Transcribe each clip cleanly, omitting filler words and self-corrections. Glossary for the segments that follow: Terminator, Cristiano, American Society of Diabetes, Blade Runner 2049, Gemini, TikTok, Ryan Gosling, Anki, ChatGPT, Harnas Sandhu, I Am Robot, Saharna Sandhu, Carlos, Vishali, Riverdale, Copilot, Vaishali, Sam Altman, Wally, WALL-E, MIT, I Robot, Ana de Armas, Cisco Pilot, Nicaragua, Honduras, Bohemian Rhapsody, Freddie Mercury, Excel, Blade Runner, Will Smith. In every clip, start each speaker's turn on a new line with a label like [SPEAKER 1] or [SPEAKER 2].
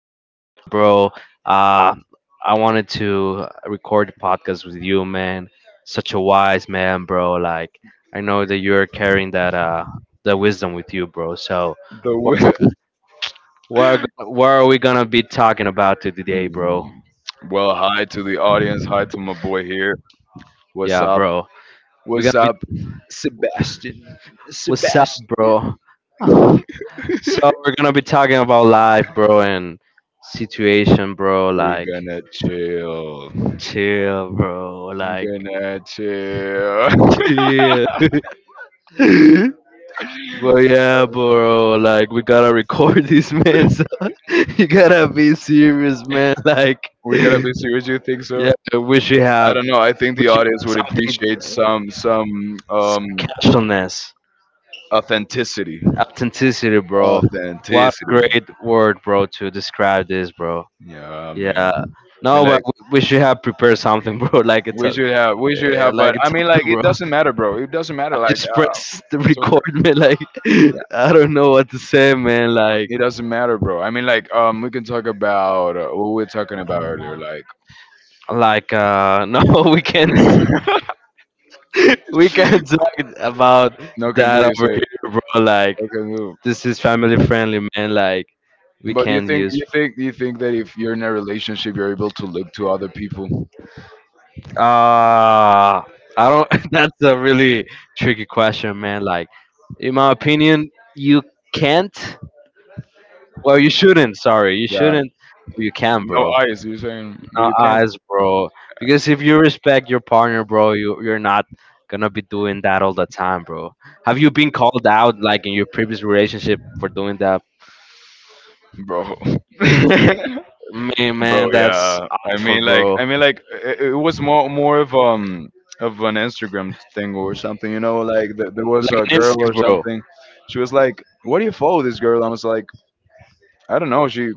[SPEAKER 1] here today, bro. Uh, I wanted to record the podcast with you, man. Such a wise man, bro. Like I know that you're carrying that that wisdom with you, bro. So,
[SPEAKER 2] The
[SPEAKER 1] what what are we gonna be talking about to today, bro?
[SPEAKER 2] Mm. Well, hi to the audience. Hi to my boy here. What's
[SPEAKER 1] Yeah,
[SPEAKER 2] up?
[SPEAKER 1] bro. We're
[SPEAKER 2] What's
[SPEAKER 1] gonna
[SPEAKER 2] up,
[SPEAKER 1] be
[SPEAKER 2] Sebastian?
[SPEAKER 1] what's up,
[SPEAKER 2] Sebastian.
[SPEAKER 1] bro? Ah. So we're gonna be talking about life, bro, and situation, bro.
[SPEAKER 2] We're
[SPEAKER 1] Like,
[SPEAKER 2] gonna chill.
[SPEAKER 1] chill, bro.
[SPEAKER 2] We're
[SPEAKER 1] Like,
[SPEAKER 2] gonna chill.
[SPEAKER 1] chill. But yeah, bro. Like, we gotta record this, man. So you gotta be serious, man. Like,
[SPEAKER 2] We gotta be serious. You think so?
[SPEAKER 1] yeah,
[SPEAKER 2] I don't know. I think
[SPEAKER 1] we
[SPEAKER 2] the
[SPEAKER 1] should
[SPEAKER 2] audience would
[SPEAKER 1] something,
[SPEAKER 2] appreciate some some
[SPEAKER 1] some
[SPEAKER 2] um
[SPEAKER 1] casualness,
[SPEAKER 2] authenticity.
[SPEAKER 1] authenticity, bro. What a
[SPEAKER 2] Authenticity.
[SPEAKER 1] great word, bro, to describe this, bro.
[SPEAKER 2] Yeah, man.
[SPEAKER 1] Yeah.
[SPEAKER 2] I mean,
[SPEAKER 1] No, but
[SPEAKER 2] like.
[SPEAKER 1] we should have prepared something, bro. Like it's
[SPEAKER 2] We
[SPEAKER 1] a,
[SPEAKER 2] should have, we should
[SPEAKER 1] eh,
[SPEAKER 2] have,
[SPEAKER 1] like
[SPEAKER 2] but
[SPEAKER 1] a
[SPEAKER 2] I mean,
[SPEAKER 1] topic,
[SPEAKER 2] like, it
[SPEAKER 1] bro.
[SPEAKER 2] doesn't matter, bro. It doesn't matter. Like,
[SPEAKER 1] Just press the
[SPEAKER 2] it's
[SPEAKER 1] record,
[SPEAKER 2] okay.
[SPEAKER 1] man, like
[SPEAKER 2] Yeah,
[SPEAKER 1] I don't know what to say, man,
[SPEAKER 2] it doesn't matter, bro. I mean, like, we can talk about what we were talking about earlier. Like,
[SPEAKER 1] like no, we can't we can't talk about
[SPEAKER 2] no can do.
[SPEAKER 1] that
[SPEAKER 2] You
[SPEAKER 1] over
[SPEAKER 2] say
[SPEAKER 1] here, bro. Like
[SPEAKER 2] no can do.
[SPEAKER 1] this is family friendly, man. Like we
[SPEAKER 2] But you
[SPEAKER 1] can't
[SPEAKER 2] think,
[SPEAKER 1] use
[SPEAKER 2] you think, you think that if you're in a relationship, you're able to look to other people.
[SPEAKER 1] I don't, that's a really tricky question, man. Like in my opinion, you can't well, you shouldn't, sorry, you
[SPEAKER 2] Yeah,
[SPEAKER 1] shouldn't, you can,
[SPEAKER 2] no
[SPEAKER 1] bro,
[SPEAKER 2] eyes. You're saying well,
[SPEAKER 1] not
[SPEAKER 2] you can't,
[SPEAKER 1] us, bro. Because if you respect your partner, bro, you're not gonna be doing that all the time, bro. Have you been called out like in your previous relationship for doing that?
[SPEAKER 2] bro.
[SPEAKER 1] Me,
[SPEAKER 2] Bro,
[SPEAKER 1] man, that's
[SPEAKER 2] yeah, i
[SPEAKER 1] awful,
[SPEAKER 2] mean like
[SPEAKER 1] bro.
[SPEAKER 2] i mean like it was more of an Instagram thing or something, you know. Like there was
[SPEAKER 1] Like
[SPEAKER 2] a
[SPEAKER 1] an
[SPEAKER 2] girl
[SPEAKER 1] instinct,
[SPEAKER 2] or
[SPEAKER 1] bro.
[SPEAKER 2] something. She was like, "What do you follow this girl?" I was like, i don't know she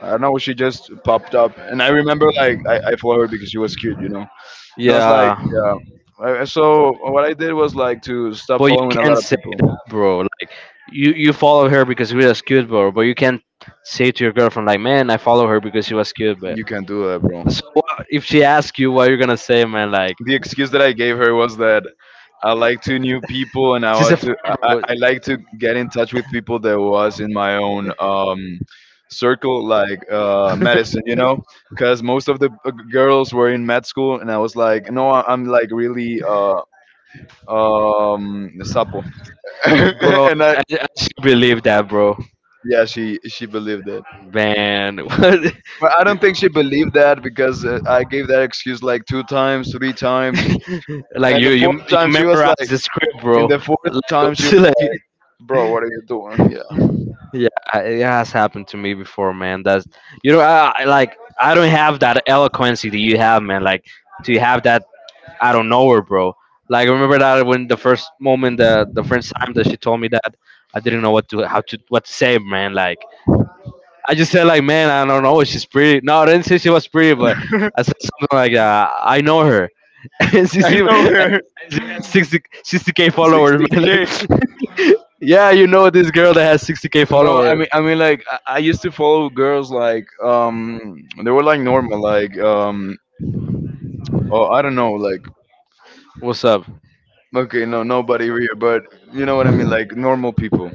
[SPEAKER 2] I don't know, she just popped up. And I remember, like, I follow her because she was cute, you know. And I was like,
[SPEAKER 1] Yeah,
[SPEAKER 2] yeah. So what I did was like to stop
[SPEAKER 1] but you
[SPEAKER 2] following a lot
[SPEAKER 1] can't
[SPEAKER 2] of
[SPEAKER 1] say,
[SPEAKER 2] people.
[SPEAKER 1] bro. Like you follow her because she was cute, bro. But you can't say to your girlfriend like, man, I follow her because she was cute, but.
[SPEAKER 2] You can do that, bro.
[SPEAKER 1] So if she asks you what you're gonna say, man, like
[SPEAKER 2] The excuse that I gave her was that I like to new people, and I
[SPEAKER 1] she's a
[SPEAKER 2] want to
[SPEAKER 1] fan, bro.
[SPEAKER 2] I like to get in touch with people that was in my own circle, like medicine, you know. Because most of the girls were in med school, and I was like, no, I'm like really sapo.
[SPEAKER 1] Bro,
[SPEAKER 2] and I
[SPEAKER 1] I still believe that, bro.
[SPEAKER 2] Yeah, she believed it,
[SPEAKER 1] Man, what?
[SPEAKER 2] but I don't think she believed that because I gave that excuse like 2 times, 3 times
[SPEAKER 1] Like
[SPEAKER 2] and
[SPEAKER 1] you,
[SPEAKER 2] the fourth
[SPEAKER 1] you, you
[SPEAKER 2] time she was
[SPEAKER 1] memorize
[SPEAKER 2] like
[SPEAKER 1] the script,
[SPEAKER 2] In
[SPEAKER 1] bro.
[SPEAKER 2] the fourth
[SPEAKER 1] Like,
[SPEAKER 2] time, she
[SPEAKER 1] it's
[SPEAKER 2] was
[SPEAKER 1] like-
[SPEAKER 2] like, "Bro, what are you doing?" Yeah,
[SPEAKER 1] yeah, it has happened to me before, man. That's, you know, I like I don't have that eloquence that you have, man. Like to have that out of nowhere, bro. Like I remember that when the first time that she told me that, I didn't know what to how to what to say, man. Like I just said like, man, I don't know, she's pretty. No, I didn't say she was pretty, but I said something like, I know her. And
[SPEAKER 2] I know her.
[SPEAKER 1] 60 60k followers, man. Like,
[SPEAKER 2] 60k.
[SPEAKER 1] yeah, you know this girl that has 60k
[SPEAKER 2] No, I
[SPEAKER 1] followers.
[SPEAKER 2] mean, I mean, like I used to follow girls like they were like normal, like oh, I don't know, like
[SPEAKER 1] What's up?
[SPEAKER 2] okay, no, nobody here, but you know what I mean, like normal people,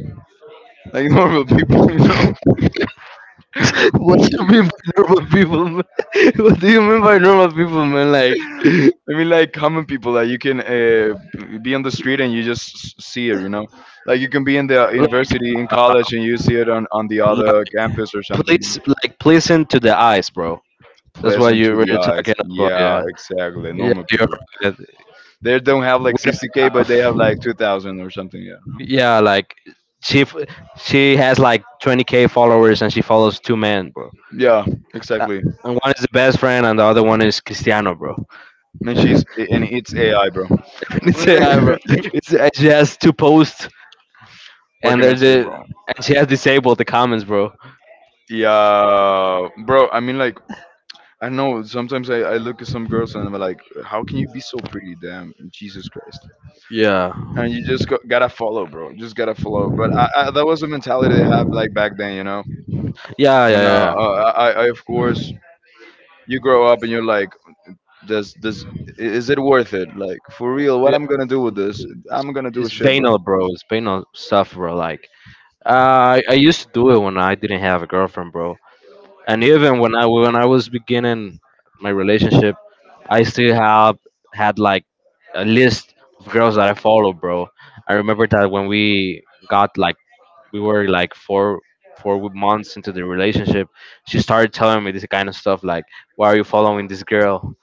[SPEAKER 2] like normal people, you know.
[SPEAKER 1] What do you mean by normal people, man? What do you mean by normal people, man? Like,
[SPEAKER 2] I mean, like common people that you can be on the street and you just see her, you know. Like you can be in the university, in college, and you see it on the other
[SPEAKER 1] like,
[SPEAKER 2] campus or something.
[SPEAKER 1] please, like, listen to the eyes, bro. That's what
[SPEAKER 2] Pleasant
[SPEAKER 1] you
[SPEAKER 2] to
[SPEAKER 1] were
[SPEAKER 2] the eyes.
[SPEAKER 1] talking about.
[SPEAKER 2] Yeah,
[SPEAKER 1] Yeah,
[SPEAKER 2] exactly.
[SPEAKER 1] yeah,
[SPEAKER 2] Normal
[SPEAKER 1] you're
[SPEAKER 2] people.
[SPEAKER 1] right.
[SPEAKER 2] They don't have
[SPEAKER 1] We
[SPEAKER 2] like
[SPEAKER 1] don't
[SPEAKER 2] 60k, but they have like
[SPEAKER 1] have.
[SPEAKER 2] 2,000 or something. Yeah.
[SPEAKER 1] Yeah, like she f- she has like 20k followers and she follows two men, bro.
[SPEAKER 2] Yeah, exactly.
[SPEAKER 1] And one is the best friend and the other one is Cristiano, bro.
[SPEAKER 2] And it's AI, bro.
[SPEAKER 1] It's AI, bro. It's, and she has two posts
[SPEAKER 2] What
[SPEAKER 1] and
[SPEAKER 2] can I
[SPEAKER 1] they're
[SPEAKER 2] say,
[SPEAKER 1] the
[SPEAKER 2] bro?
[SPEAKER 1] and she has disabled the comments, bro.
[SPEAKER 2] Yeah, bro. I mean, like, I know sometimes I look at some girls and I'm like, how can you be so pretty? Damn, Jesus Christ.
[SPEAKER 1] Yeah,
[SPEAKER 2] And you just go, gotta follow, bro. Just gotta follow. But that was the mentality they had like back then, you know.
[SPEAKER 1] yeah, yeah,
[SPEAKER 2] When uh,
[SPEAKER 1] yeah, yeah.
[SPEAKER 2] uh, I, I, of course, you grow up and you're like, Is it worth it? Like for real, what
[SPEAKER 1] Yeah,
[SPEAKER 2] I'm gonna do with this?
[SPEAKER 1] It's,
[SPEAKER 2] I'm gonna do a
[SPEAKER 1] it's
[SPEAKER 2] shit, bro.
[SPEAKER 1] venal, bro. It's venal stuff, bro. Like I used to do it when I didn't have a girlfriend, bro. And even when I was beginning my relationship, I still have had like a list of girls that I follow, bro. I remember that when we got like we were like four months into the relationship, she started telling me this kind of stuff like, "Why are you following this girl?"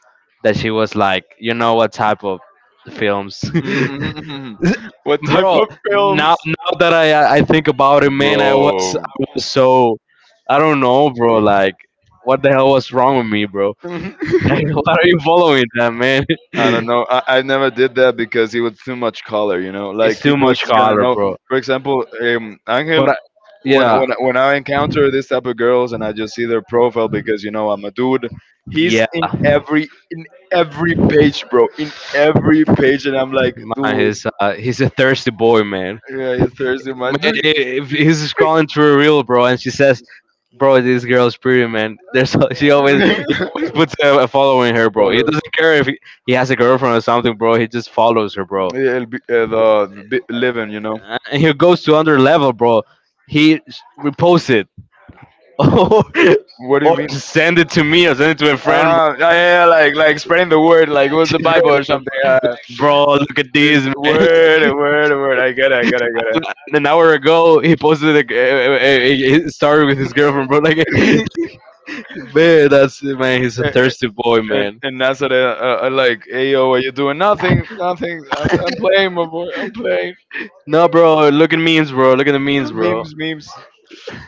[SPEAKER 1] That she was like, you know what type of films,
[SPEAKER 2] Mm-hmm. What type
[SPEAKER 1] bro.
[SPEAKER 2] of films,
[SPEAKER 1] Now that I think about it, man,
[SPEAKER 2] bro?
[SPEAKER 1] I was so I don't know, bro. Like, what the hell was wrong with me, bro? Like, why are you following that, man?
[SPEAKER 2] I don't know. I never did that because it was too much color, you know. Like
[SPEAKER 1] It's too
[SPEAKER 2] people
[SPEAKER 1] much
[SPEAKER 2] is gonna
[SPEAKER 1] color,
[SPEAKER 2] know.
[SPEAKER 1] bro.
[SPEAKER 2] For example,
[SPEAKER 1] But
[SPEAKER 2] Angel,
[SPEAKER 1] I,
[SPEAKER 2] when
[SPEAKER 1] yeah,
[SPEAKER 2] when when I encounter this type of girls and I just see their profile because you know I'm a dude, he's
[SPEAKER 1] yeah,
[SPEAKER 2] in every page, bro. In every page, and I'm like,
[SPEAKER 1] man,
[SPEAKER 2] dude,
[SPEAKER 1] he's a thirsty boy, man.
[SPEAKER 2] yeah, it's Thursday, my
[SPEAKER 1] Man,
[SPEAKER 2] dude.
[SPEAKER 1] if he's scrolling through a reel, bro, and she says, "Bro, this girl's pretty, man." There's she always he always puts a follow in her, bro. He
[SPEAKER 2] Follow.
[SPEAKER 1] doesn't care if he, he has a girlfriend or something, bro. He just follows her, bro.
[SPEAKER 2] Yeah, the living, you know.
[SPEAKER 1] And he goes to another level, bro. He reposts it,
[SPEAKER 2] What do you
[SPEAKER 1] or
[SPEAKER 2] mean?
[SPEAKER 1] send it to me, or send it to a friend.
[SPEAKER 2] Ah, yeah, yeah, yeah, like spreading the word, like it was the Bible or
[SPEAKER 1] Bro.
[SPEAKER 2] something. Yeah.
[SPEAKER 1] Bro, look at
[SPEAKER 2] This
[SPEAKER 1] this, man.
[SPEAKER 2] word, word, word. I get it, I get it, I
[SPEAKER 1] Like, an hour ago, he posted like, a story with his girlfriend, bro. Like,
[SPEAKER 2] get it.
[SPEAKER 1] man, that's, man. He's a
[SPEAKER 2] and,
[SPEAKER 1] thirsty boy,
[SPEAKER 2] and
[SPEAKER 1] man.
[SPEAKER 2] and that's what I like. Hey, yo, what you doing? Nothing, nothing. I'm playing, my boy. I'm playing.
[SPEAKER 1] No, bro. Look at memes, bro. Look at the memes, bro.
[SPEAKER 2] Memes, memes.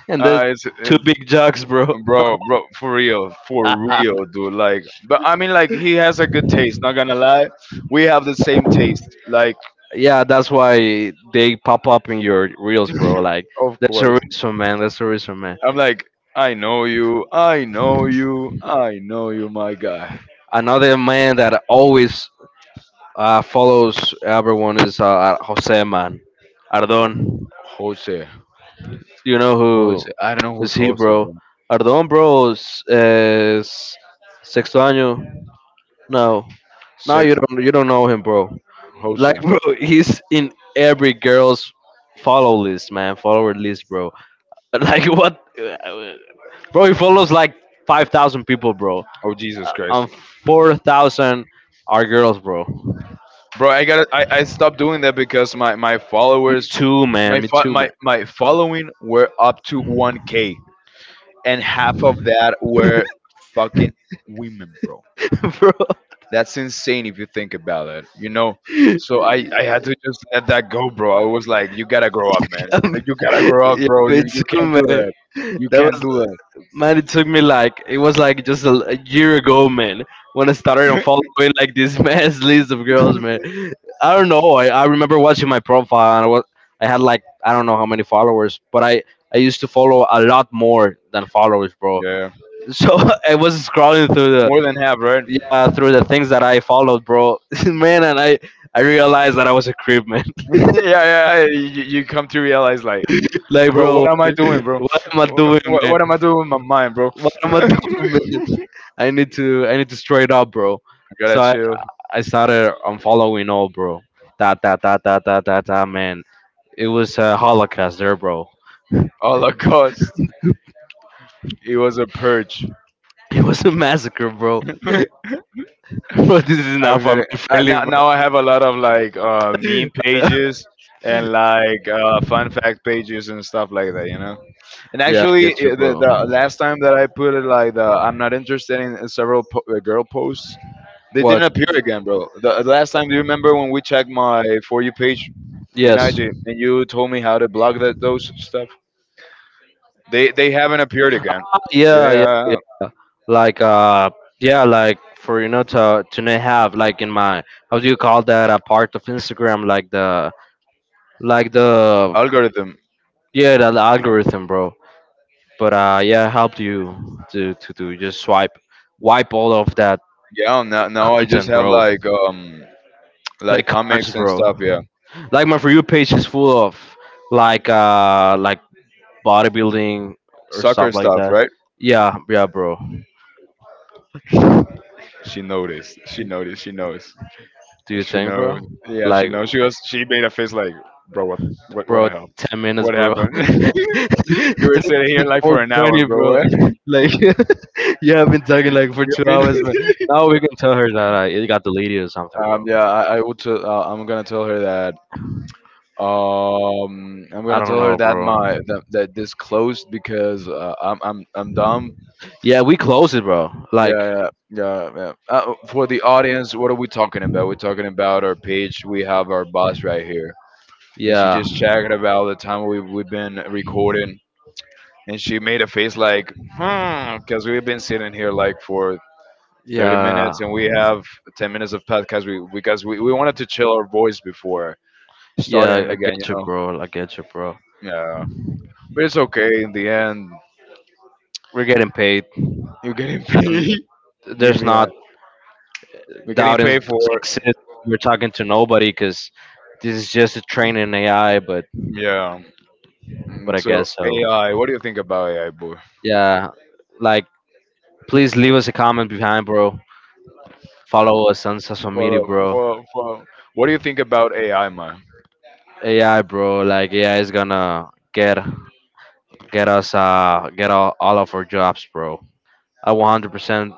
[SPEAKER 1] And the
[SPEAKER 2] It's,
[SPEAKER 1] two
[SPEAKER 2] it's
[SPEAKER 1] big jugs, bro.
[SPEAKER 2] bro, bro, for real, dude. Like, but I mean, like, he has a good taste. Not gonna lie, we have the same taste. Like,
[SPEAKER 1] Yeah, that's why they pop up in your reels, bro. Like,
[SPEAKER 2] of
[SPEAKER 1] that's a
[SPEAKER 2] course.
[SPEAKER 1] reason, man. That's a reason, man.
[SPEAKER 2] I'm like, I know you, I know you, I know you, my guy.
[SPEAKER 1] Another man that always follows everyone is Jose, man.
[SPEAKER 2] Jo-
[SPEAKER 1] Ardon.
[SPEAKER 2] Jose,
[SPEAKER 1] You know
[SPEAKER 2] Jose. I don't know
[SPEAKER 1] who's
[SPEAKER 2] who's
[SPEAKER 1] he,
[SPEAKER 2] Jose,
[SPEAKER 1] bro?
[SPEAKER 2] bro.
[SPEAKER 1] Ardon, bro, is sexto año. No, no,
[SPEAKER 2] Sex,
[SPEAKER 1] you don't know him, bro. Like,
[SPEAKER 2] Jose.
[SPEAKER 1] bro, he's in every girl's follower list, bro. Like, what, bro? He follows like 5,000 people, bro,
[SPEAKER 2] Oh, Jesus Christ,
[SPEAKER 1] and 4,000 are girls, bro.
[SPEAKER 2] bro. I gotta. I stopped doing that because my followers,
[SPEAKER 1] Two, man,
[SPEAKER 2] my
[SPEAKER 1] me
[SPEAKER 2] fo-
[SPEAKER 1] too, man,
[SPEAKER 2] my following were up to 1k, and half of that were fucking women, bro.
[SPEAKER 1] bro.
[SPEAKER 2] That's insane if you think about it, you know. So I had to just let that go, bro. I was like, you gotta grow up, man. You
[SPEAKER 1] Um,
[SPEAKER 2] know, you gotta grow up,
[SPEAKER 1] yeah,
[SPEAKER 2] bro. You
[SPEAKER 1] me
[SPEAKER 2] you
[SPEAKER 1] too,
[SPEAKER 2] can't do
[SPEAKER 1] man.
[SPEAKER 2] that. You
[SPEAKER 1] That
[SPEAKER 2] can't do
[SPEAKER 1] was,
[SPEAKER 2] that.
[SPEAKER 1] It took me like it was like just a year ago, man, when I started on following like this mass list of girls, man. I don't know. I remember watching my profile and I had like I don't know how many followers, but I used to follow a lot more than followers, bro.
[SPEAKER 2] Yeah,
[SPEAKER 1] So I was scrolling through the
[SPEAKER 2] more than half, right?
[SPEAKER 1] yeah through the things that I followed, bro. Man, and I realized that I was a creep, man.
[SPEAKER 2] Yeah, yeah. You come to realize, like,
[SPEAKER 1] Like,
[SPEAKER 2] bro,
[SPEAKER 1] bro,
[SPEAKER 2] what am I doing, bro?
[SPEAKER 1] what am I
[SPEAKER 2] What,
[SPEAKER 1] doing, man?
[SPEAKER 2] what am I doing with my mind, bro?
[SPEAKER 1] What am I doing, man? I need to straight up, bro.
[SPEAKER 2] Gotta
[SPEAKER 1] So
[SPEAKER 2] chill.
[SPEAKER 1] I started unfollowing all, bro. Da da da da da da da, man. It was a holocaust there, bro.
[SPEAKER 2] Holocaust. It was a purge.
[SPEAKER 1] It was a massacre, bro. Bro, this is
[SPEAKER 2] I
[SPEAKER 1] not
[SPEAKER 2] got it.
[SPEAKER 1] family friendly,
[SPEAKER 2] Now,
[SPEAKER 1] bro.
[SPEAKER 2] now I have a lot of like meme pages and like fun fact pages and stuff like that, you know. And
[SPEAKER 1] Yeah, I
[SPEAKER 2] actually,
[SPEAKER 1] get you,
[SPEAKER 2] the
[SPEAKER 1] bro.
[SPEAKER 2] last time that I put it like the I'm not interested in several girl posts, they
[SPEAKER 1] What?
[SPEAKER 2] didn't appear again, bro. The last time, do you remember when we checked my for you page in
[SPEAKER 1] Yes.
[SPEAKER 2] IG and you told me how to block that those stuff? They haven't appeared again.
[SPEAKER 1] Yeah, yeah,
[SPEAKER 2] Yeah,
[SPEAKER 1] yeah. Like yeah, like for you know to not have like in my how do you call that, a part of Instagram, like the
[SPEAKER 2] algorithm.
[SPEAKER 1] yeah the algorithm, bro. But yeah, helped you to just swipe wipe all of that
[SPEAKER 2] Yeah, now I just
[SPEAKER 1] content,
[SPEAKER 2] have
[SPEAKER 1] bro.
[SPEAKER 2] like
[SPEAKER 1] Like cars,
[SPEAKER 2] comics and
[SPEAKER 1] bro.
[SPEAKER 2] stuff. Yeah.
[SPEAKER 1] Like my for you page is full of like bodybuilding or
[SPEAKER 2] Soccer
[SPEAKER 1] stuff like
[SPEAKER 2] stuff,
[SPEAKER 1] that.
[SPEAKER 2] right?
[SPEAKER 1] Yeah, yeah, bro.
[SPEAKER 2] She noticed. She noticed. She knows.
[SPEAKER 1] Do you
[SPEAKER 2] She
[SPEAKER 1] think,
[SPEAKER 2] knows.
[SPEAKER 1] bro?
[SPEAKER 2] Yeah, she
[SPEAKER 1] Like,
[SPEAKER 2] knows. She was. She made a face like, bro, what
[SPEAKER 1] bro,
[SPEAKER 2] the hell?
[SPEAKER 1] 10 minutes,
[SPEAKER 2] What
[SPEAKER 1] bro.
[SPEAKER 2] happened?
[SPEAKER 1] and
[SPEAKER 2] You were sitting here
[SPEAKER 1] it's
[SPEAKER 2] like
[SPEAKER 1] four
[SPEAKER 2] for an hour,
[SPEAKER 1] twenty,
[SPEAKER 2] bro.
[SPEAKER 1] bro.
[SPEAKER 2] What?
[SPEAKER 1] Like you have been talking
[SPEAKER 2] You
[SPEAKER 1] like for
[SPEAKER 2] know
[SPEAKER 1] two
[SPEAKER 2] what I mean?
[SPEAKER 1] hours, man. Now we can tell her that it got deleted or something, bro.
[SPEAKER 2] Yeah, I would. I'm gonna tell her that. I'm
[SPEAKER 1] I
[SPEAKER 2] gonna
[SPEAKER 1] don't
[SPEAKER 2] tell her
[SPEAKER 1] know,
[SPEAKER 2] that
[SPEAKER 1] bro.
[SPEAKER 2] that this closed because I'm dumb.
[SPEAKER 1] Yeah, we close it, bro.
[SPEAKER 2] Yeah,
[SPEAKER 1] Like
[SPEAKER 2] yeah, yeah, yeah. For the audience, what are we talking about? We're talking about our page. We have our boss right here. And she
[SPEAKER 1] yeah,
[SPEAKER 2] just checked about the time we've been recording, and she made a face like, hmm, because we've been sitting here like for 30
[SPEAKER 1] yeah,
[SPEAKER 2] minutes, and we have 10 minutes of podcast. We because we wanted to chill our voice before
[SPEAKER 1] yeah.
[SPEAKER 2] starting it
[SPEAKER 1] I
[SPEAKER 2] again, you
[SPEAKER 1] get you,
[SPEAKER 2] know.
[SPEAKER 1] bro. I get you, bro.
[SPEAKER 2] Yeah, but it's okay in the end.
[SPEAKER 1] We're getting paid,
[SPEAKER 2] You're getting
[SPEAKER 1] and
[SPEAKER 2] paid. Give
[SPEAKER 1] there's
[SPEAKER 2] me
[SPEAKER 1] not
[SPEAKER 2] that. We're getting paid
[SPEAKER 1] doesn't
[SPEAKER 2] for
[SPEAKER 1] exist.
[SPEAKER 2] it.
[SPEAKER 1] We're talking to nobody because this is just a training AI,
[SPEAKER 2] Yeah.
[SPEAKER 1] but I
[SPEAKER 2] So
[SPEAKER 1] guess so.
[SPEAKER 2] AI, what do you think about AI, boy?
[SPEAKER 1] Yeah, like, please leave us a comment behind, bro. Follow us on social media,
[SPEAKER 2] Follow,
[SPEAKER 1] bro.
[SPEAKER 2] follow, follow. What do you think about AI, man?
[SPEAKER 1] AI, bro. Like AI is gonna get us get all of our jobs, bro. I 100%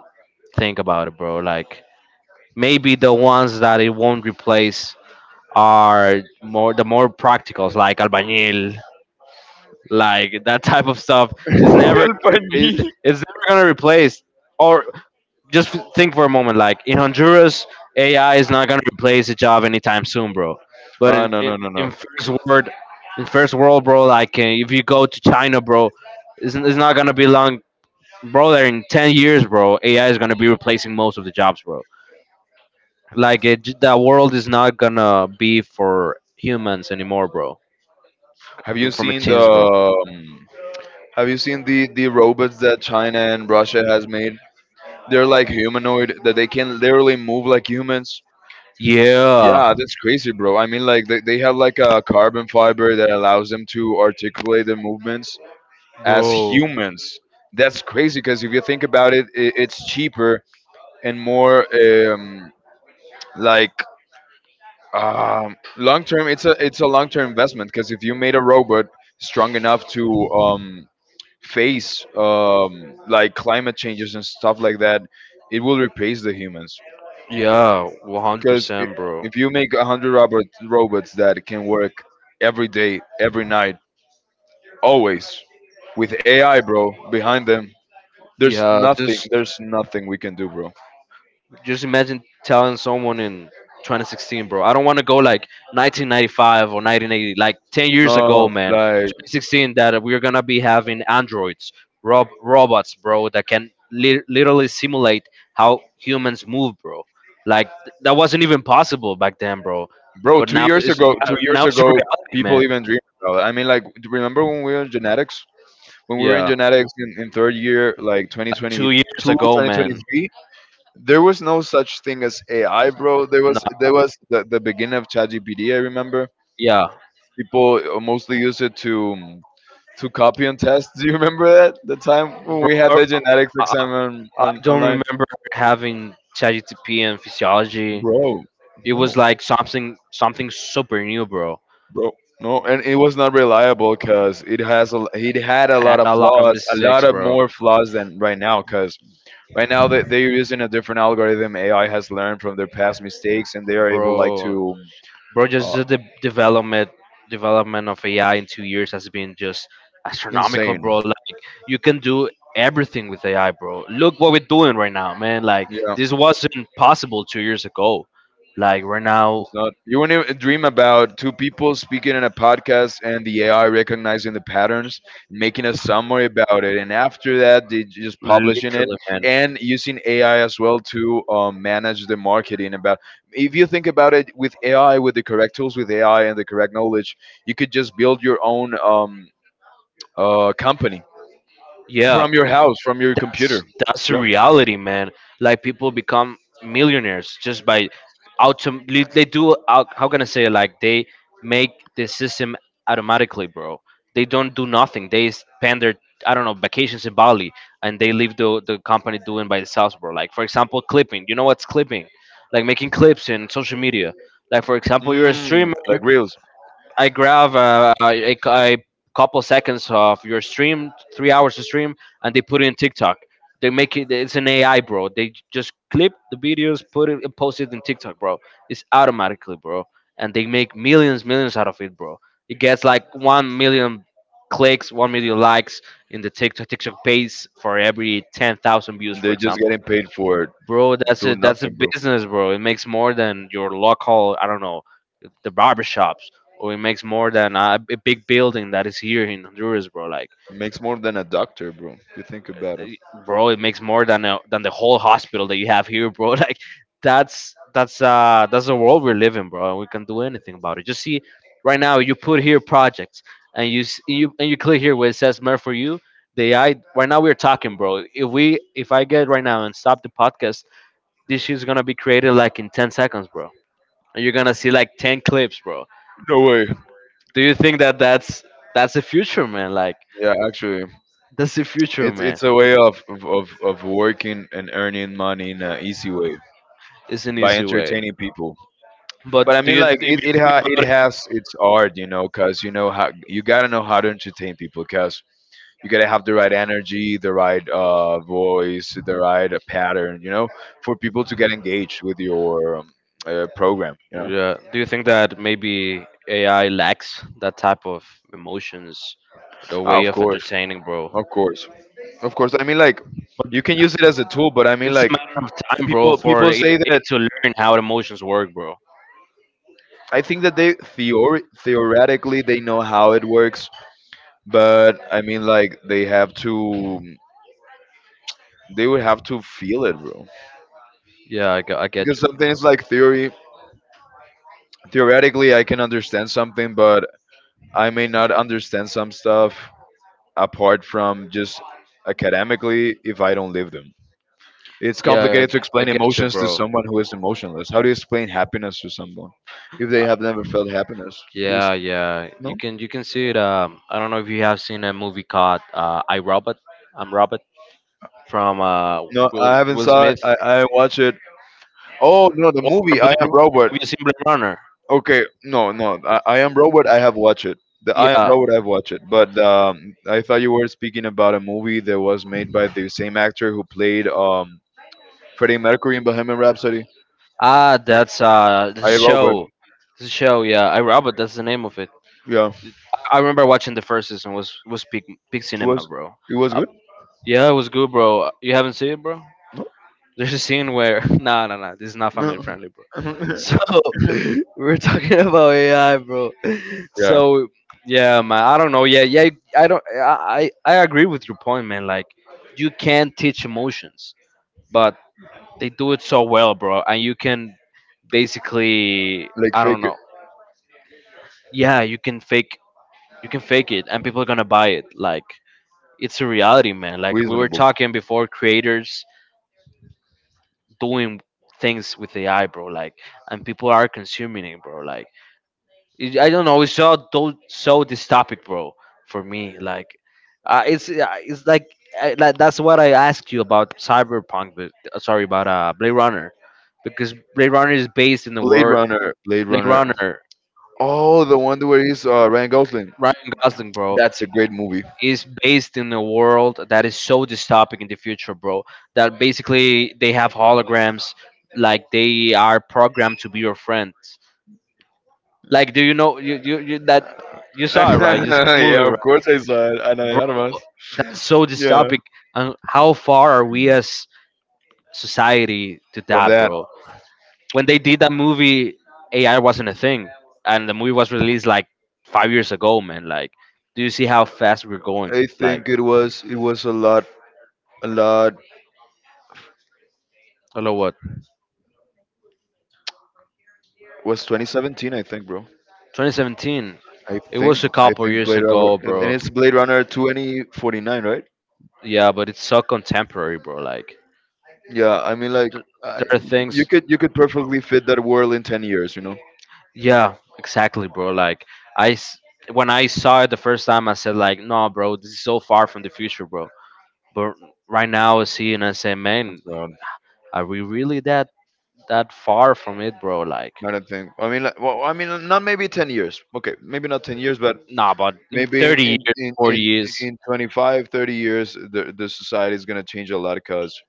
[SPEAKER 1] think about it, bro. Like maybe the ones that it won't replace are more practicals, like albañil, like that type of stuff. It's never it,
[SPEAKER 2] Albañil.
[SPEAKER 1] it's never gonna replace, or just think for a moment like in Honduras AI is not going to replace a job anytime soon, bro, but
[SPEAKER 2] Ah, no, no, no,
[SPEAKER 1] in
[SPEAKER 2] no.
[SPEAKER 1] first world, bro, like if you go to China, bro, it's not going to be long, bro, there in 10 years, bro, AI is going to be replacing most of the jobs, bro. Like that world is not going to be for humans anymore, bro,
[SPEAKER 2] Have you
[SPEAKER 1] for
[SPEAKER 2] seen the
[SPEAKER 1] machines, bro.
[SPEAKER 2] the robots that China and Russia has made? They're like humanoid that they can literally move like humans. Yeah,
[SPEAKER 1] Yeah,
[SPEAKER 2] that's crazy, bro. I mean, like they have like a carbon fiber that allows them to articulate their movements as
[SPEAKER 1] bro.
[SPEAKER 2] humans. That's crazy because if you think about it, it's cheaper and more like long term. It's a long term investment because if you made a robot strong enough to um, face like climate changes and stuff like that, it will replace the humans.
[SPEAKER 1] Yeah,
[SPEAKER 2] Because if,
[SPEAKER 1] 100%, bro.
[SPEAKER 2] if you make 100 robots that can work every day, every night, always with AI, bro, behind them, there's
[SPEAKER 1] Yeah,
[SPEAKER 2] nothing. There's nothing we can do, bro.
[SPEAKER 1] just imagine telling someone in 2016, bro. I don't want to go like 1995 or 1980, like 10 years ago,
[SPEAKER 2] No,
[SPEAKER 1] man.
[SPEAKER 2] like,
[SPEAKER 1] 2016 that we're gonna be having androids, robots, bro, that can literally simulate how humans move, bro. Like that wasn't even possible back then, bro.
[SPEAKER 2] bro,
[SPEAKER 1] But
[SPEAKER 2] two years ago, two
[SPEAKER 1] now
[SPEAKER 2] years
[SPEAKER 1] it's a
[SPEAKER 2] ago,
[SPEAKER 1] reality,
[SPEAKER 2] people
[SPEAKER 1] man.
[SPEAKER 2] even dreamed about it. I mean, like, do you remember when we were in genetics? When we were in
[SPEAKER 1] Yeah,
[SPEAKER 2] genetics in, third year, like twenty twenty
[SPEAKER 1] 2 years
[SPEAKER 2] two,
[SPEAKER 1] ago,
[SPEAKER 2] twenty twenty
[SPEAKER 1] man.
[SPEAKER 2] three, there was no such thing as AI, bro. There
[SPEAKER 1] No,
[SPEAKER 2] was there was the beginning of ChatGPT, I remember.
[SPEAKER 1] yeah,
[SPEAKER 2] People mostly used it to copy and test. Do you remember that? The time when
[SPEAKER 1] bro.
[SPEAKER 2] we had
[SPEAKER 1] I,
[SPEAKER 2] the genetics
[SPEAKER 1] I
[SPEAKER 2] exam
[SPEAKER 1] I don't
[SPEAKER 2] online?
[SPEAKER 1] remember having ChatGPT and physiology.
[SPEAKER 2] Bro,
[SPEAKER 1] It
[SPEAKER 2] no.
[SPEAKER 1] was like something super new, bro.
[SPEAKER 2] bro. No, and it was not reliable because it had a
[SPEAKER 1] I had
[SPEAKER 2] lot of
[SPEAKER 1] a lot of
[SPEAKER 2] flaws, a
[SPEAKER 1] mistakes,
[SPEAKER 2] lot of
[SPEAKER 1] bro.
[SPEAKER 2] more flaws than right now. Because right now they're using a different algorithm. AI has learned from their past mistakes, and they are able like
[SPEAKER 1] Bro,
[SPEAKER 2] to
[SPEAKER 1] bro, just
[SPEAKER 2] uh,
[SPEAKER 1] the development of AI in 2 years has been just astronomical,
[SPEAKER 2] insane.
[SPEAKER 1] bro. Like you can do everything with AI, bro. Look what we're doing right now, man. Like this wasn't possible 2 years ago. Like right now,
[SPEAKER 2] It's not. You wouldn't even dream about two people speaking in a podcast and the AI recognizing the patterns, making a summary about it, and after that, they just publishing it
[SPEAKER 1] literally, man.
[SPEAKER 2] and using AI as well to manage the marketing. About, if you think about it, with AI, with the correct tools, with AI and the correct knowledge, you could just build your own company
[SPEAKER 1] Yeah,
[SPEAKER 2] from your house, from your computer.
[SPEAKER 1] that's the
[SPEAKER 2] Yeah.
[SPEAKER 1] reality, man. Like people become millionaires just by they do how can I say it? Like they make the system automatically, bro. They don't do nothing. They spend their, I don't know, vacations in Bali, and they leave the company doing by themselves, bro. Like for example, clipping. You know what's clipping? Like making clips in social media. Like for example, you're a
[SPEAKER 2] Mm,
[SPEAKER 1] streamer.
[SPEAKER 2] like grills.
[SPEAKER 1] I grab a couple seconds of your stream, 3 hours of stream, and they put it in TikTok. They make it. It's an AI, bro. They just clip the videos, put it, and post it in TikTok, bro. It's automatically, bro, and they make millions, millions out of it, bro. It gets like 1 million clicks, 1 million likes in the TikTok page for every 10,000 views,
[SPEAKER 2] And
[SPEAKER 1] for
[SPEAKER 2] they're just
[SPEAKER 1] example.
[SPEAKER 2] getting paid for
[SPEAKER 1] Bro, that's a
[SPEAKER 2] doing
[SPEAKER 1] that's a
[SPEAKER 2] nothing, bro.
[SPEAKER 1] business, bro. It makes more than your local, I don't know, the barber shops, or it makes more than a big building that is here in Honduras, bro. Like
[SPEAKER 2] Makes more than a doctor, bro. You think about it.
[SPEAKER 1] eh, bro, it makes more than the whole hospital that you have here, bro. Like that's the world we live in, bro, and we can do anything about it. Just see, right now you put here projects, and you s- you and you click here where it says mer for you. The AI, right now we're talking, bro. If I get right now and stop the podcast, this shit's gonna be created like in 10 seconds, bro. And you're gonna see like 10 clips, bro.
[SPEAKER 2] No way.
[SPEAKER 1] Do you think that that's the future, man? Like
[SPEAKER 2] Yeah, actually,
[SPEAKER 1] that's the future,
[SPEAKER 2] it's
[SPEAKER 1] man.
[SPEAKER 2] it's a way of working and earning money in an easy way
[SPEAKER 1] It's an
[SPEAKER 2] by
[SPEAKER 1] easy way.
[SPEAKER 2] entertaining people. But I
[SPEAKER 1] But do
[SPEAKER 2] mean,
[SPEAKER 1] you if
[SPEAKER 2] like
[SPEAKER 1] you
[SPEAKER 2] it, it,
[SPEAKER 1] think
[SPEAKER 2] ha- it
[SPEAKER 1] about
[SPEAKER 2] has its art, you know, because you know how you gotta know how to entertain people, because you gotta have the right energy, the right voice, the right pattern, you know, for people to get engaged with your program, you
[SPEAKER 1] it,
[SPEAKER 2] know.
[SPEAKER 1] yeah, do you think that maybe AI lacks that type of emotions, the
[SPEAKER 2] Ah,
[SPEAKER 1] way
[SPEAKER 2] of
[SPEAKER 1] of
[SPEAKER 2] course,
[SPEAKER 1] entertaining, bro?
[SPEAKER 2] of course, of course. I mean, like
[SPEAKER 1] But
[SPEAKER 2] you can use it as a tool, but I mean,
[SPEAKER 1] it's
[SPEAKER 2] like
[SPEAKER 1] a matter of time, bro,
[SPEAKER 2] people
[SPEAKER 1] for
[SPEAKER 2] people
[SPEAKER 1] it,
[SPEAKER 2] say
[SPEAKER 1] it
[SPEAKER 2] that
[SPEAKER 1] to learn how emotions work, bro.
[SPEAKER 2] I think that theoretically they know how it works, but I mean, like they have to. They would have to feel it, bro.
[SPEAKER 1] Yeah, I get
[SPEAKER 2] Because
[SPEAKER 1] you.
[SPEAKER 2] something's like theory. Theoretically, I can understand something, but I may not understand some stuff apart from just academically if I don't live them. It's
[SPEAKER 1] Yeah, I,
[SPEAKER 2] complicated to
[SPEAKER 1] I
[SPEAKER 2] explain
[SPEAKER 1] get you,
[SPEAKER 2] emotions to
[SPEAKER 1] bro.
[SPEAKER 2] someone who is emotionless. How do you explain happiness to someone if they have never felt happiness? How do you s-
[SPEAKER 1] Yeah, yeah. You
[SPEAKER 2] No,
[SPEAKER 1] can you can see it. I don't know if you have seen a movie called I Robot. I'm Robot from
[SPEAKER 2] no, I
[SPEAKER 1] Will
[SPEAKER 2] haven't
[SPEAKER 1] Will
[SPEAKER 2] saw. It.
[SPEAKER 1] Smith.
[SPEAKER 2] I watch it. Oh no, the
[SPEAKER 1] Or
[SPEAKER 2] movie
[SPEAKER 1] Blade
[SPEAKER 2] I Am
[SPEAKER 1] Runner.
[SPEAKER 2] Robot.
[SPEAKER 1] Have you seen Blade Runner?
[SPEAKER 2] Okay, no, no. I am Robot. I have watched it. The I am
[SPEAKER 1] Yeah.
[SPEAKER 2] Robot. I've watched it. But I thought you were speaking about a movie that was made by the same actor who played Freddie Mercury in Bohemian Rhapsody.
[SPEAKER 1] Ah, that's
[SPEAKER 2] I
[SPEAKER 1] this
[SPEAKER 2] Robot.
[SPEAKER 1] show. This show. Yeah, I Robot. That's the name of it.
[SPEAKER 2] Yeah,
[SPEAKER 1] I remember watching the first season was peak
[SPEAKER 2] it
[SPEAKER 1] cinema,
[SPEAKER 2] was.
[SPEAKER 1] bro.
[SPEAKER 2] It was good.
[SPEAKER 1] Yeah, it was good, bro. You haven't seen it, bro? There's a scene where no, no, no. This is not family friendly, bro. So we're talking about AI, bro.
[SPEAKER 2] Yeah,
[SPEAKER 1] So yeah, man. I don't know. Yeah, yeah. I don't. I agree with your point, man. Like you can teach emotions, but they do it so well, bro. And you can basically,
[SPEAKER 2] like
[SPEAKER 1] I don't
[SPEAKER 2] fake it.
[SPEAKER 1] know. Yeah, you can fake. You can fake it, and people are gonna buy it. Like it's a reality, man. Like we were
[SPEAKER 2] Reasonable.
[SPEAKER 1] talking before, creators doing things with AI, bro. Like, and people are consuming it, bro. Like, it, I don't know. It's so do so this topic, bro. For me, like, it's like, like that's what I asked you about Cyberpunk, but sorry about Blade Runner, because Blade Runner is based in the
[SPEAKER 2] Blade
[SPEAKER 1] world.
[SPEAKER 2] Runner. Blade
[SPEAKER 1] Blade
[SPEAKER 2] Runner.
[SPEAKER 1] Runner.
[SPEAKER 2] Oh, the one where he's Ryan Gosling.
[SPEAKER 1] Ryan Gosling, bro,
[SPEAKER 2] That's a great movie.
[SPEAKER 1] is based in a world that is so dystopic in the future, bro. That basically they have holograms, like they are programmed to be your friends. Like, do you know you that you saw it, right? You saw the movie,
[SPEAKER 2] Yeah, of
[SPEAKER 1] right?
[SPEAKER 2] course I saw it. Ana
[SPEAKER 1] Bro,
[SPEAKER 2] de Armas.
[SPEAKER 1] that's so
[SPEAKER 2] Yeah.
[SPEAKER 1] dystopic. And how far are we as society to
[SPEAKER 2] From
[SPEAKER 1] that,
[SPEAKER 2] that,
[SPEAKER 1] bro? When they did that movie, AI wasn't a thing, and the movie was released like 5 years ago, man. Like, do you see how fast we're going?
[SPEAKER 2] I
[SPEAKER 1] Like,
[SPEAKER 2] think it was a lot
[SPEAKER 1] hello, what?
[SPEAKER 2] was 2017 I think, bro.
[SPEAKER 1] 2017.
[SPEAKER 2] I
[SPEAKER 1] It
[SPEAKER 2] think
[SPEAKER 1] was a
[SPEAKER 2] I
[SPEAKER 1] couple
[SPEAKER 2] think
[SPEAKER 1] years
[SPEAKER 2] Blade Runner
[SPEAKER 1] ago,
[SPEAKER 2] and
[SPEAKER 1] bro.
[SPEAKER 2] it's Blade Runner 2049, right?
[SPEAKER 1] Yeah, but it's so contemporary, bro. Like,
[SPEAKER 2] Yeah, I mean like
[SPEAKER 1] th-
[SPEAKER 2] I,
[SPEAKER 1] there are things.
[SPEAKER 2] you could perfectly fit that world in 10 years, you know.
[SPEAKER 1] Yeah, exactly, bro. Like I, s- when I saw it the first time, I said like, "No, bro, this is so far from the future, bro." But right now, I see it and I say,
[SPEAKER 2] I'm
[SPEAKER 1] "Man,
[SPEAKER 2] sorry.
[SPEAKER 1] are we really that far from it, bro?" Like,
[SPEAKER 2] I don't think. I mean, like, well, I mean, not maybe 10 years. Okay, maybe not 10 years, but
[SPEAKER 1] nah, but in
[SPEAKER 2] maybe in
[SPEAKER 1] thirty
[SPEAKER 2] in
[SPEAKER 1] years,
[SPEAKER 2] in
[SPEAKER 1] forty
[SPEAKER 2] in,
[SPEAKER 1] years,
[SPEAKER 2] in 25 30 the society is going to change a lot, because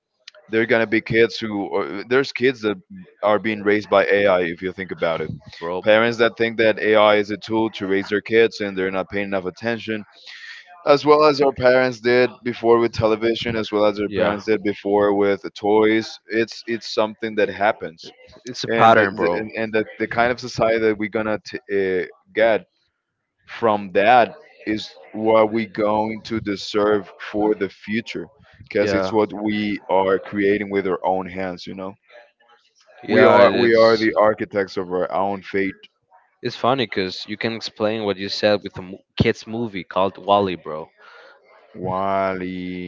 [SPEAKER 2] there are going to be kids who, or there's kids that are being raised by AI. If you think about it,
[SPEAKER 1] bro.
[SPEAKER 2] parents that think that AI is a tool to raise their kids and they're not paying enough attention, as well as our parents did before with television, as well as our
[SPEAKER 1] Yeah,
[SPEAKER 2] parents did before with toys. It's something that happens,
[SPEAKER 1] it's a
[SPEAKER 2] and
[SPEAKER 1] pattern,
[SPEAKER 2] the,
[SPEAKER 1] bro.
[SPEAKER 2] and the kind of society that we're gonna get from that is what we going to deserve for the future, because it's
[SPEAKER 1] Yeah,
[SPEAKER 2] what we are creating with our own hands, you know. we
[SPEAKER 1] yeah,
[SPEAKER 2] are we are
[SPEAKER 1] it's
[SPEAKER 2] the architects of our own fate.
[SPEAKER 1] it's funny because you can explain what you said with the kids movie called Wally, bro.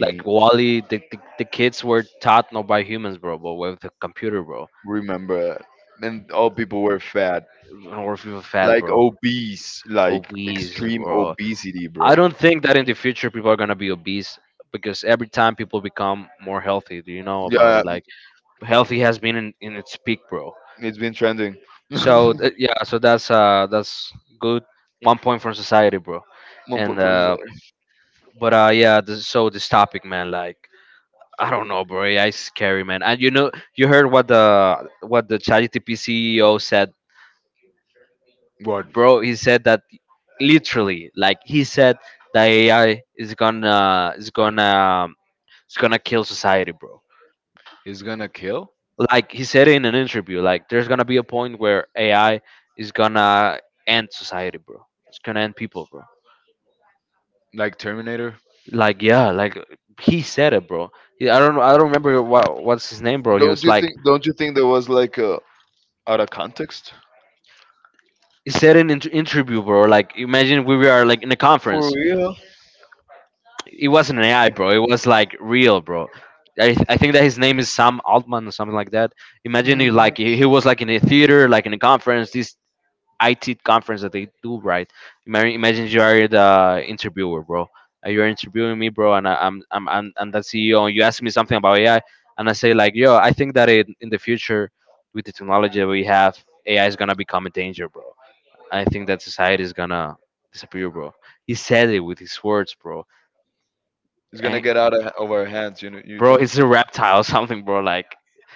[SPEAKER 1] Like Wally, the kids were taught not by humans, bro, but with the computer, bro,
[SPEAKER 2] remember, and all people were fat,
[SPEAKER 1] or if you were fat,
[SPEAKER 2] like
[SPEAKER 1] bro,
[SPEAKER 2] obese, like
[SPEAKER 1] obese,
[SPEAKER 2] extreme
[SPEAKER 1] bro.
[SPEAKER 2] obesity,
[SPEAKER 1] I
[SPEAKER 2] bro.
[SPEAKER 1] don't think that in the future people are gonna be obese because every time people become more healthy. Do you know about
[SPEAKER 2] Yeah,
[SPEAKER 1] it? Like healthy has been in its peak, bro.
[SPEAKER 2] it's been trending.
[SPEAKER 1] So yeah, so that's good one point from society, bro.
[SPEAKER 2] One
[SPEAKER 1] And
[SPEAKER 2] point four,
[SPEAKER 1] but yeah, this topic, man, like I don't know, bro. AI is scary, man. And you know, you heard what the ChatGPT CEO said,
[SPEAKER 2] what.
[SPEAKER 1] bro. He said that literally, like he said that AI is gonna kill society, bro.
[SPEAKER 2] It's gonna kill.
[SPEAKER 1] Like he said in an interview, like there's gonna be a point where AI is gonna end society, bro. It's gonna end people, bro.
[SPEAKER 2] Like Terminator?
[SPEAKER 1] Like yeah, like he said it, bro. I don't know. I don't remember what's his name, bro. He
[SPEAKER 2] Don't
[SPEAKER 1] was
[SPEAKER 2] you
[SPEAKER 1] like
[SPEAKER 2] think? Don't you think there was like a out of context?
[SPEAKER 1] said in an interview, bro. Like, imagine we were like in a
[SPEAKER 2] For
[SPEAKER 1] conference.
[SPEAKER 2] real?
[SPEAKER 1] It wasn't an AI, bro. It was like real, bro. I think that his name is Sam Altman or something like that. Imagine
[SPEAKER 2] Mhm.
[SPEAKER 1] he was like in a theater, like in a conference, this IT conference that they do, right? Imagine you are the interviewer, bro. You're interviewing me, bro, and I, I'm the CEO. And you ask me something about AI, and I say like, yo, I think that it, in the future, with the technology that we have, AI is gonna become a danger, bro. I think that society is gonna disappear, bro. He said it with his words, bro.
[SPEAKER 2] It's gonna
[SPEAKER 1] And,
[SPEAKER 2] get out of our hands, you know, you
[SPEAKER 1] bro,
[SPEAKER 2] think?
[SPEAKER 1] it's a reptile or something, bro. Like,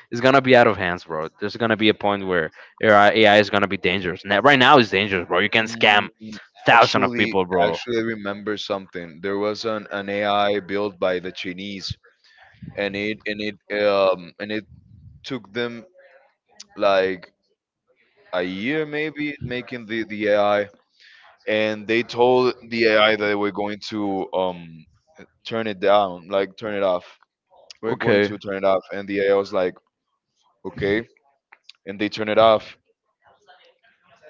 [SPEAKER 1] it's gonna be out of hands, bro. There's gonna be a point where AI is gonna be dangerous. Now, right now, it's dangerous, bro. You can
[SPEAKER 2] Mm,
[SPEAKER 1] scam thousands of
[SPEAKER 2] actually,
[SPEAKER 1] people, bro.
[SPEAKER 2] actually, I remember something. There was an AI built by the Chinese, and it took them like a year maybe making the AI, and they told the AI that they were going to turn it down, like turn it off. We're going
[SPEAKER 1] Okay,
[SPEAKER 2] to turn it off, and the AI was like, okay, and they turn it off,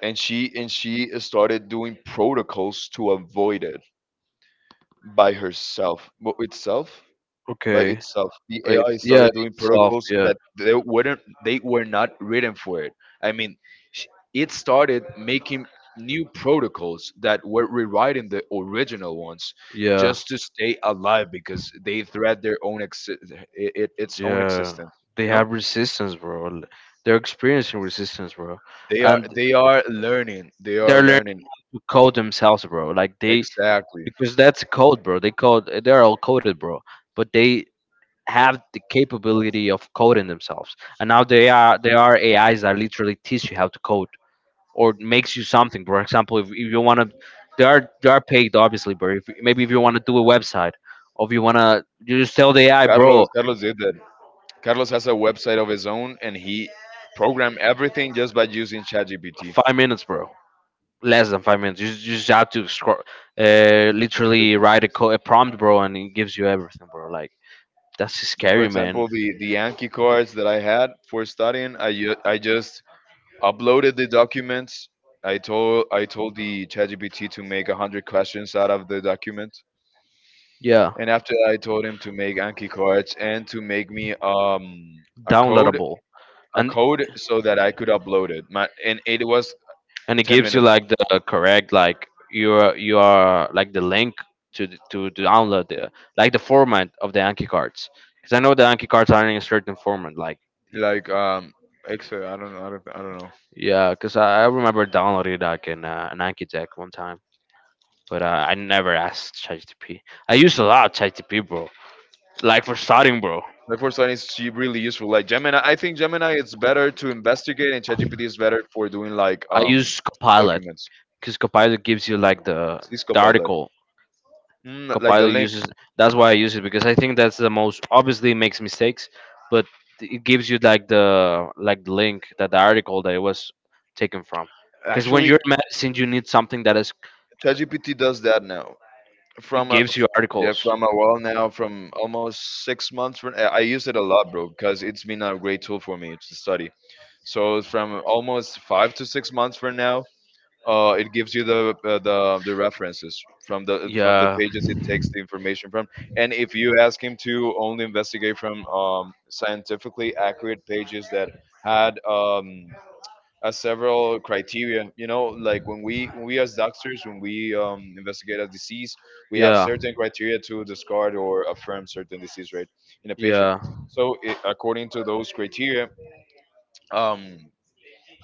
[SPEAKER 2] and she started doing protocols to avoid it by herself. Well, itself? By
[SPEAKER 1] okay.
[SPEAKER 2] itself. The
[SPEAKER 1] But
[SPEAKER 2] AI
[SPEAKER 1] it's, yeah,
[SPEAKER 2] started doing
[SPEAKER 1] itself,
[SPEAKER 2] protocols
[SPEAKER 1] yeah,
[SPEAKER 2] that they were not written for it. I mean, sh- it started making new protocols that were rewriting the original ones
[SPEAKER 1] yeah.
[SPEAKER 2] just to stay alive, because they threat their own it, its own
[SPEAKER 1] Yeah,
[SPEAKER 2] existence.
[SPEAKER 1] they
[SPEAKER 2] You know,
[SPEAKER 1] have resistance, bro. They're experiencing resistance, bro,
[SPEAKER 2] they are
[SPEAKER 1] and
[SPEAKER 2] they are learning. They are
[SPEAKER 1] they're learning
[SPEAKER 2] learning,
[SPEAKER 1] to code themselves, bro. Like they,
[SPEAKER 2] exactly.
[SPEAKER 1] because that's code, bro. They code. They're all coded, bro. But they have the capability of coding themselves, and now they are AIs that literally teach you how to code or makes you something. For example, if you want to, they are paid, obviously, bro. If, maybe if you want to do a website, or if you want to, you just tell the AI,
[SPEAKER 2] Carlos
[SPEAKER 1] bro,
[SPEAKER 2] Carlos did that. Carlos has a website of his own, and he programmed everything just by using ChatGPT.
[SPEAKER 1] 5 minutes, bro, less than 5 minutes. You just have to scroll, literally write a prompt, bro, and it gives you everything, bro. Like that's
[SPEAKER 2] For
[SPEAKER 1] scary, man.
[SPEAKER 2] example, the Yankee cards that I had for studying, I just uploaded the documents. I told the ChatGPT to make a hundred questions out of the document,
[SPEAKER 1] Yeah,
[SPEAKER 2] and after that, I told him to make Anki cards and to make me a code,
[SPEAKER 1] downloadable,
[SPEAKER 2] a
[SPEAKER 1] and
[SPEAKER 2] code so that I could upload it. My and it was
[SPEAKER 1] it
[SPEAKER 2] ten
[SPEAKER 1] gives you
[SPEAKER 2] minutes.
[SPEAKER 1] like the correct, like you are like the link to to download the, like the format of the Anki cards, because I know the Anki cards are in a certain format. Like
[SPEAKER 2] Like Excel. I don't know. I don't know.
[SPEAKER 1] yeah, because I remember downloading like an Anki deck one time. But I never asked ChatGPT. I used a lot of ChatGPT, bro. Like for starting, bro,
[SPEAKER 2] The first one is really useful. Like Gemini, I think Gemini is better to investigate, and ChatGPT is better for doing like
[SPEAKER 1] I use Copilot
[SPEAKER 2] documents.
[SPEAKER 1] because Copilot gives you like
[SPEAKER 2] Cisco
[SPEAKER 1] the
[SPEAKER 2] Pilot,
[SPEAKER 1] article.
[SPEAKER 2] mm, like the
[SPEAKER 1] Copilot
[SPEAKER 2] link.
[SPEAKER 1] uses, that's why I use it, because I think that's the most, obviously it makes mistakes, but it gives you like the, like the link that the article that it was taken from. Because when
[SPEAKER 2] Actually,
[SPEAKER 1] you're in medicine, you need something that is,
[SPEAKER 2] ChatGPT does that now.
[SPEAKER 1] it
[SPEAKER 2] From a
[SPEAKER 1] gives you
[SPEAKER 2] Yeah,
[SPEAKER 1] articles.
[SPEAKER 2] from a while now, from almost 6 months. From, I use it a lot, bro, because it's been a great tool for me to study. So from almost 5 to 6 months from now, it gives you the references from the
[SPEAKER 1] Yeah.
[SPEAKER 2] pages it takes the information from. And if you ask him to only investigate from scientifically accurate pages that had several criteria, you know, like when we as doctors when we investigate a disease, we have
[SPEAKER 1] Yeah.
[SPEAKER 2] certain criteria to discard or affirm certain disease, right, in a patient.
[SPEAKER 1] Yeah.
[SPEAKER 2] So it, according to those criteria. Um,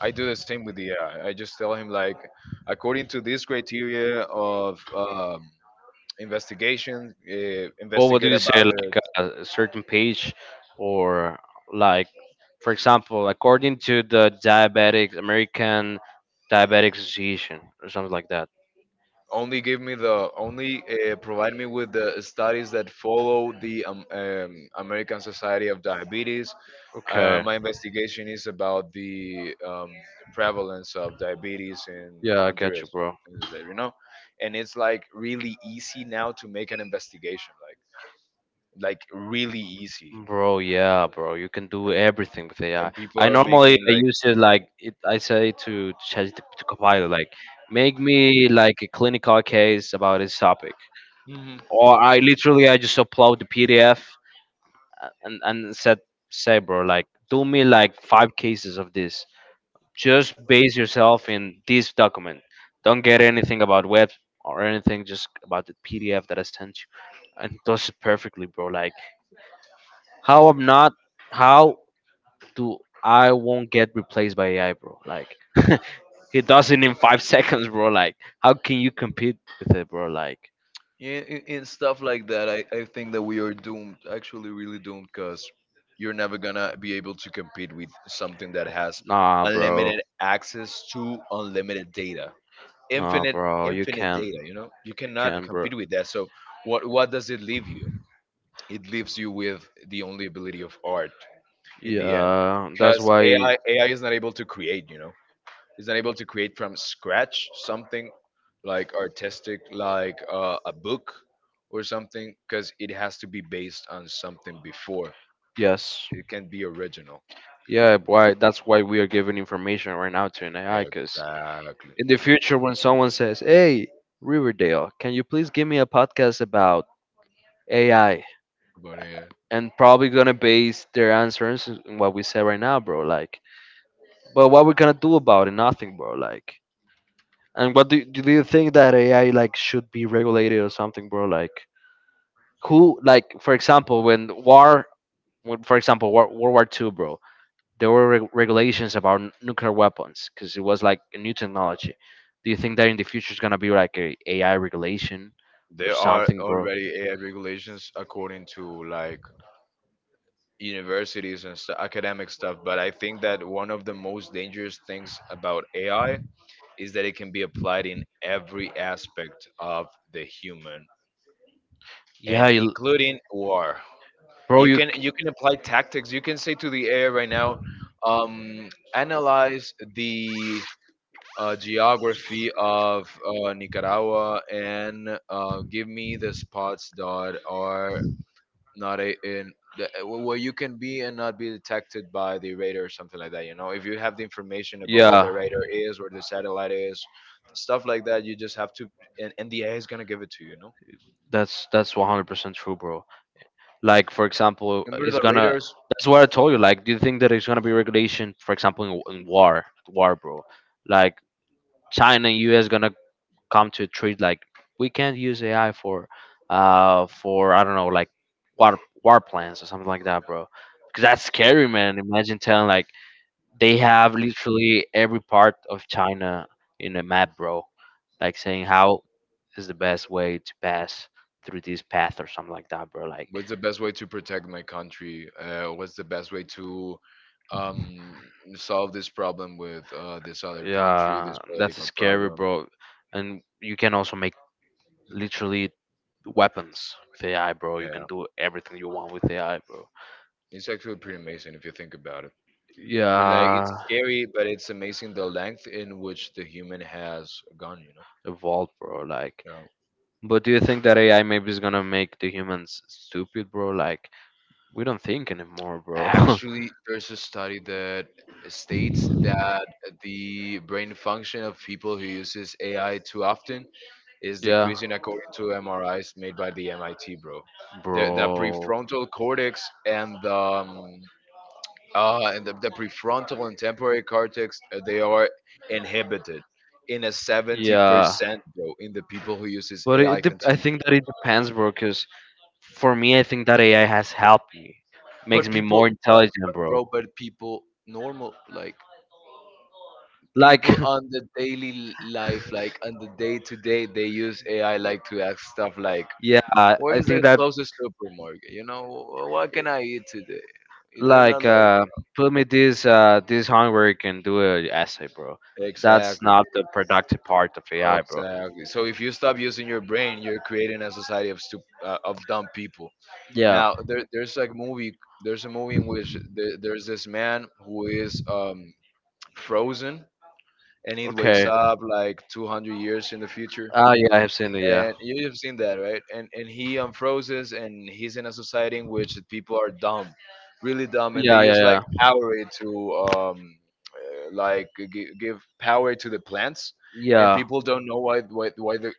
[SPEAKER 2] I do the same with the AI. I just tell him like, according to this criteria of investigation,
[SPEAKER 1] Well, what do
[SPEAKER 2] investigate
[SPEAKER 1] you say,
[SPEAKER 2] about
[SPEAKER 1] like
[SPEAKER 2] it.
[SPEAKER 1] a certain page, or like, for example, according to the Diabetic American Diabetic Association, or something like that? Only
[SPEAKER 2] Only
[SPEAKER 1] give
[SPEAKER 2] give
[SPEAKER 1] me
[SPEAKER 2] me
[SPEAKER 1] the,
[SPEAKER 2] the
[SPEAKER 1] only
[SPEAKER 2] only provide me
[SPEAKER 1] give
[SPEAKER 2] with
[SPEAKER 1] me
[SPEAKER 2] the
[SPEAKER 1] the studies
[SPEAKER 2] studies
[SPEAKER 1] that
[SPEAKER 2] that
[SPEAKER 1] follow
[SPEAKER 2] follow
[SPEAKER 1] the
[SPEAKER 2] the
[SPEAKER 1] American
[SPEAKER 2] American Society
[SPEAKER 1] Society of
[SPEAKER 2] of Diabetes.
[SPEAKER 1] Diabetes. Okay.
[SPEAKER 2] My investigation
[SPEAKER 1] Investigations
[SPEAKER 2] is
[SPEAKER 1] about
[SPEAKER 2] about
[SPEAKER 1] the
[SPEAKER 2] the
[SPEAKER 1] travel as
[SPEAKER 2] prevalence of
[SPEAKER 1] well.
[SPEAKER 2] diabetes in
[SPEAKER 1] Yeah, I got you,
[SPEAKER 2] Honduras.
[SPEAKER 1] bro.
[SPEAKER 2] Things like that, you know, and it's like really easy now to make an investigation, like really easy,
[SPEAKER 1] Bro, yeah, bro. You can do everything with AI.
[SPEAKER 2] and people
[SPEAKER 1] I
[SPEAKER 2] are
[SPEAKER 1] normally
[SPEAKER 2] making
[SPEAKER 1] I
[SPEAKER 2] like,
[SPEAKER 1] use it, like it, I say to ChatGPT to Copilot, like make me like a clinical case about this topic,
[SPEAKER 2] mhm.
[SPEAKER 1] or I literally I just upload the PDF and said, "Say, bro, like do me like five cases of this. Just base yourself in this document. Don't get anything about web or anything. Just about the PDF that I sent you." And he does it perfectly, bro. Like how I'm not, how do I won't get replaced by AI, bro? Like he does it in 5 seconds seconds, bro. Like how can you compete with it, bro? Like
[SPEAKER 2] Yeah, and stuff like that. I think that we are doomed, actually, really doomed, because you're never gonna be able to compete with something that has
[SPEAKER 1] nah, bro.
[SPEAKER 2] unlimited access to unlimited data,
[SPEAKER 1] Nah,
[SPEAKER 2] infinite,
[SPEAKER 1] bro. You
[SPEAKER 2] infinite
[SPEAKER 1] can't.
[SPEAKER 2] data. You know, you
[SPEAKER 1] You
[SPEAKER 2] cannot
[SPEAKER 1] can't, bro.
[SPEAKER 2] compete with that. So, what does it leave you? It leaves you with the only ability of art in the end,
[SPEAKER 1] Yeah, that's
[SPEAKER 2] because
[SPEAKER 1] why.
[SPEAKER 2] AI is not able to create. You know, is not able to create from scratch something like artistic, like a book or something, because it has to be based on something before.
[SPEAKER 1] Yes.
[SPEAKER 2] It can be original.
[SPEAKER 1] Yeah, why? That's why we are giving information right now to an AI. Cause
[SPEAKER 2] Exactly.
[SPEAKER 1] in the future, when someone says, "Hey, Riverdale, can you please give me a podcast about AI?"
[SPEAKER 2] But yeah,
[SPEAKER 1] and probably gonna base their answers on what we said right now, bro. Like, but what we're gonna do about it? Nothing, bro. Like, and what do you think that AI like should be regulated or something, bro? Like, who like for example when, for example, war, World War II, bro, there were regulations about nuclear weapons because it was like a new technology. Do you think that in the future is gonna be like a AI regulation or
[SPEAKER 2] there are
[SPEAKER 1] something, bro?
[SPEAKER 2] already AI regulations according to like universities and stu academic stuff. But I think that one of the most dangerous things about AI is that it can be applied in every aspect of the human,
[SPEAKER 1] Yeah,
[SPEAKER 2] and
[SPEAKER 1] you,
[SPEAKER 2] including war.
[SPEAKER 1] bro, you.
[SPEAKER 2] You can apply tactics. You can say to the AI right now, analyze the geography of Nicaragua, and give me the spots that are not a, in the, where you can be and not be detected by the radar or something like that. You know, if you have the information about where
[SPEAKER 1] Yeah,
[SPEAKER 2] the radar is, where the satellite is, stuff like that, you just have to, and the AI is gonna give it to you. You know,
[SPEAKER 1] that's 100% true, bro. Like for example,
[SPEAKER 2] remember
[SPEAKER 1] it's
[SPEAKER 2] the
[SPEAKER 1] gonna,
[SPEAKER 2] radars.
[SPEAKER 1] that's what I told you. Like, do you think that it's gonna be regulation, for example, in war, bro? Like China and US gonna come to a treat, like we can't use AI for I don't know, like war plans or something like that, bro. Because that's scary, man. Imagine telling like they have literally every part of China in a map, bro. Like saying how is the best way to pass through this path or something like that, bro. Like,
[SPEAKER 2] What's the best way to protect my country? What's the best way to um, solve this problem with this other country, this
[SPEAKER 1] yeah, that's
[SPEAKER 2] political
[SPEAKER 1] scary,
[SPEAKER 2] problem?
[SPEAKER 1] bro. And you can also make literally weapons with AI, bro. You can
[SPEAKER 2] Yeah,
[SPEAKER 1] do everything you want with AI, bro.
[SPEAKER 2] it's actually pretty amazing if you think about it. I mean, like
[SPEAKER 1] Yeah,
[SPEAKER 2] it's scary, but it's amazing the length in which the human has gone. You know.
[SPEAKER 1] evolve, bro. Like,
[SPEAKER 2] Yeah.
[SPEAKER 1] but do you think that AI maybe is gonna make the humans stupid, bro? Like, we don't think anymore, bro.
[SPEAKER 2] Actually, there's a study that states that the brain function of people who uses AI too often is
[SPEAKER 1] Yeah,
[SPEAKER 2] decreasing according to MRIs made by the MIT, bro. The
[SPEAKER 1] bro.
[SPEAKER 2] prefrontal cortex and the prefrontal and temporary cortex, they are inhibited in a
[SPEAKER 1] Yeah,
[SPEAKER 2] 70%, bro, in the people who uses
[SPEAKER 1] but
[SPEAKER 2] AI
[SPEAKER 1] I
[SPEAKER 2] continuously.
[SPEAKER 1] think that it depends, bro. Cause for me, I think that AI has helped me, makes
[SPEAKER 2] But
[SPEAKER 1] me
[SPEAKER 2] people,
[SPEAKER 1] more intelligent,
[SPEAKER 2] but
[SPEAKER 1] bro.
[SPEAKER 2] bro, but people normal like
[SPEAKER 1] Like,
[SPEAKER 2] people on the daily life, like on the day to day, they use AI like to ask stuff like,
[SPEAKER 1] yeah,
[SPEAKER 2] "Where
[SPEAKER 1] I
[SPEAKER 2] is
[SPEAKER 1] think
[SPEAKER 2] the
[SPEAKER 1] that
[SPEAKER 2] closest supermarket?" You know, what can I eat today? They're not
[SPEAKER 1] like
[SPEAKER 2] like
[SPEAKER 1] put me this this homework and do an essay, bro. That's
[SPEAKER 2] exactly,
[SPEAKER 1] not the productive part of AI, bro.
[SPEAKER 2] exactly. So if you stop using your brain, you're creating a society of of dumb people.
[SPEAKER 1] Yeah.
[SPEAKER 2] Now there, there's like movie, there's a movie in which the, there's this man who is frozen, and it wakes
[SPEAKER 1] Okay.
[SPEAKER 2] up like 200 years in the future.
[SPEAKER 1] Ah, yeah, I have seen it. Yeah.
[SPEAKER 2] And you've seen that, right? And he unfroze and he's in a society in which people are dumb, really dumb, and they
[SPEAKER 1] Yeah, yeah,
[SPEAKER 2] use like
[SPEAKER 1] yeah,
[SPEAKER 2] power to like give power to the plants, and
[SPEAKER 1] yeah.
[SPEAKER 2] people don't know why the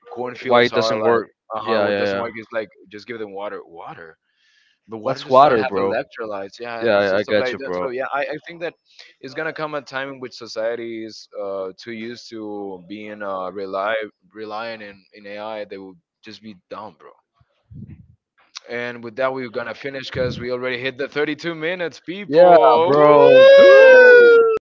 [SPEAKER 1] Why
[SPEAKER 2] cornfields
[SPEAKER 1] it
[SPEAKER 2] are
[SPEAKER 1] doesn't
[SPEAKER 2] like,
[SPEAKER 1] work?
[SPEAKER 2] uh huh.
[SPEAKER 1] Yeah,
[SPEAKER 2] What
[SPEAKER 1] yeah,
[SPEAKER 2] doesn't
[SPEAKER 1] yeah.
[SPEAKER 2] work is like just give them water, water. The water
[SPEAKER 1] What's
[SPEAKER 2] does not
[SPEAKER 1] water,
[SPEAKER 2] have
[SPEAKER 1] bro?
[SPEAKER 2] electrolytes. Yeah,
[SPEAKER 1] Yeah,
[SPEAKER 2] so
[SPEAKER 1] I
[SPEAKER 2] stuff
[SPEAKER 1] got
[SPEAKER 2] like
[SPEAKER 1] you,
[SPEAKER 2] that.
[SPEAKER 1] bro.
[SPEAKER 2] So yeah, I think that it's gonna come a time in which society is too used to being relying in AI. They will just be dumb, bro. And with that, we're gonna finish because we already hit the 32 minutes,
[SPEAKER 1] Yeah,
[SPEAKER 2] people.
[SPEAKER 1] bro. Dude.
[SPEAKER 2] Woo!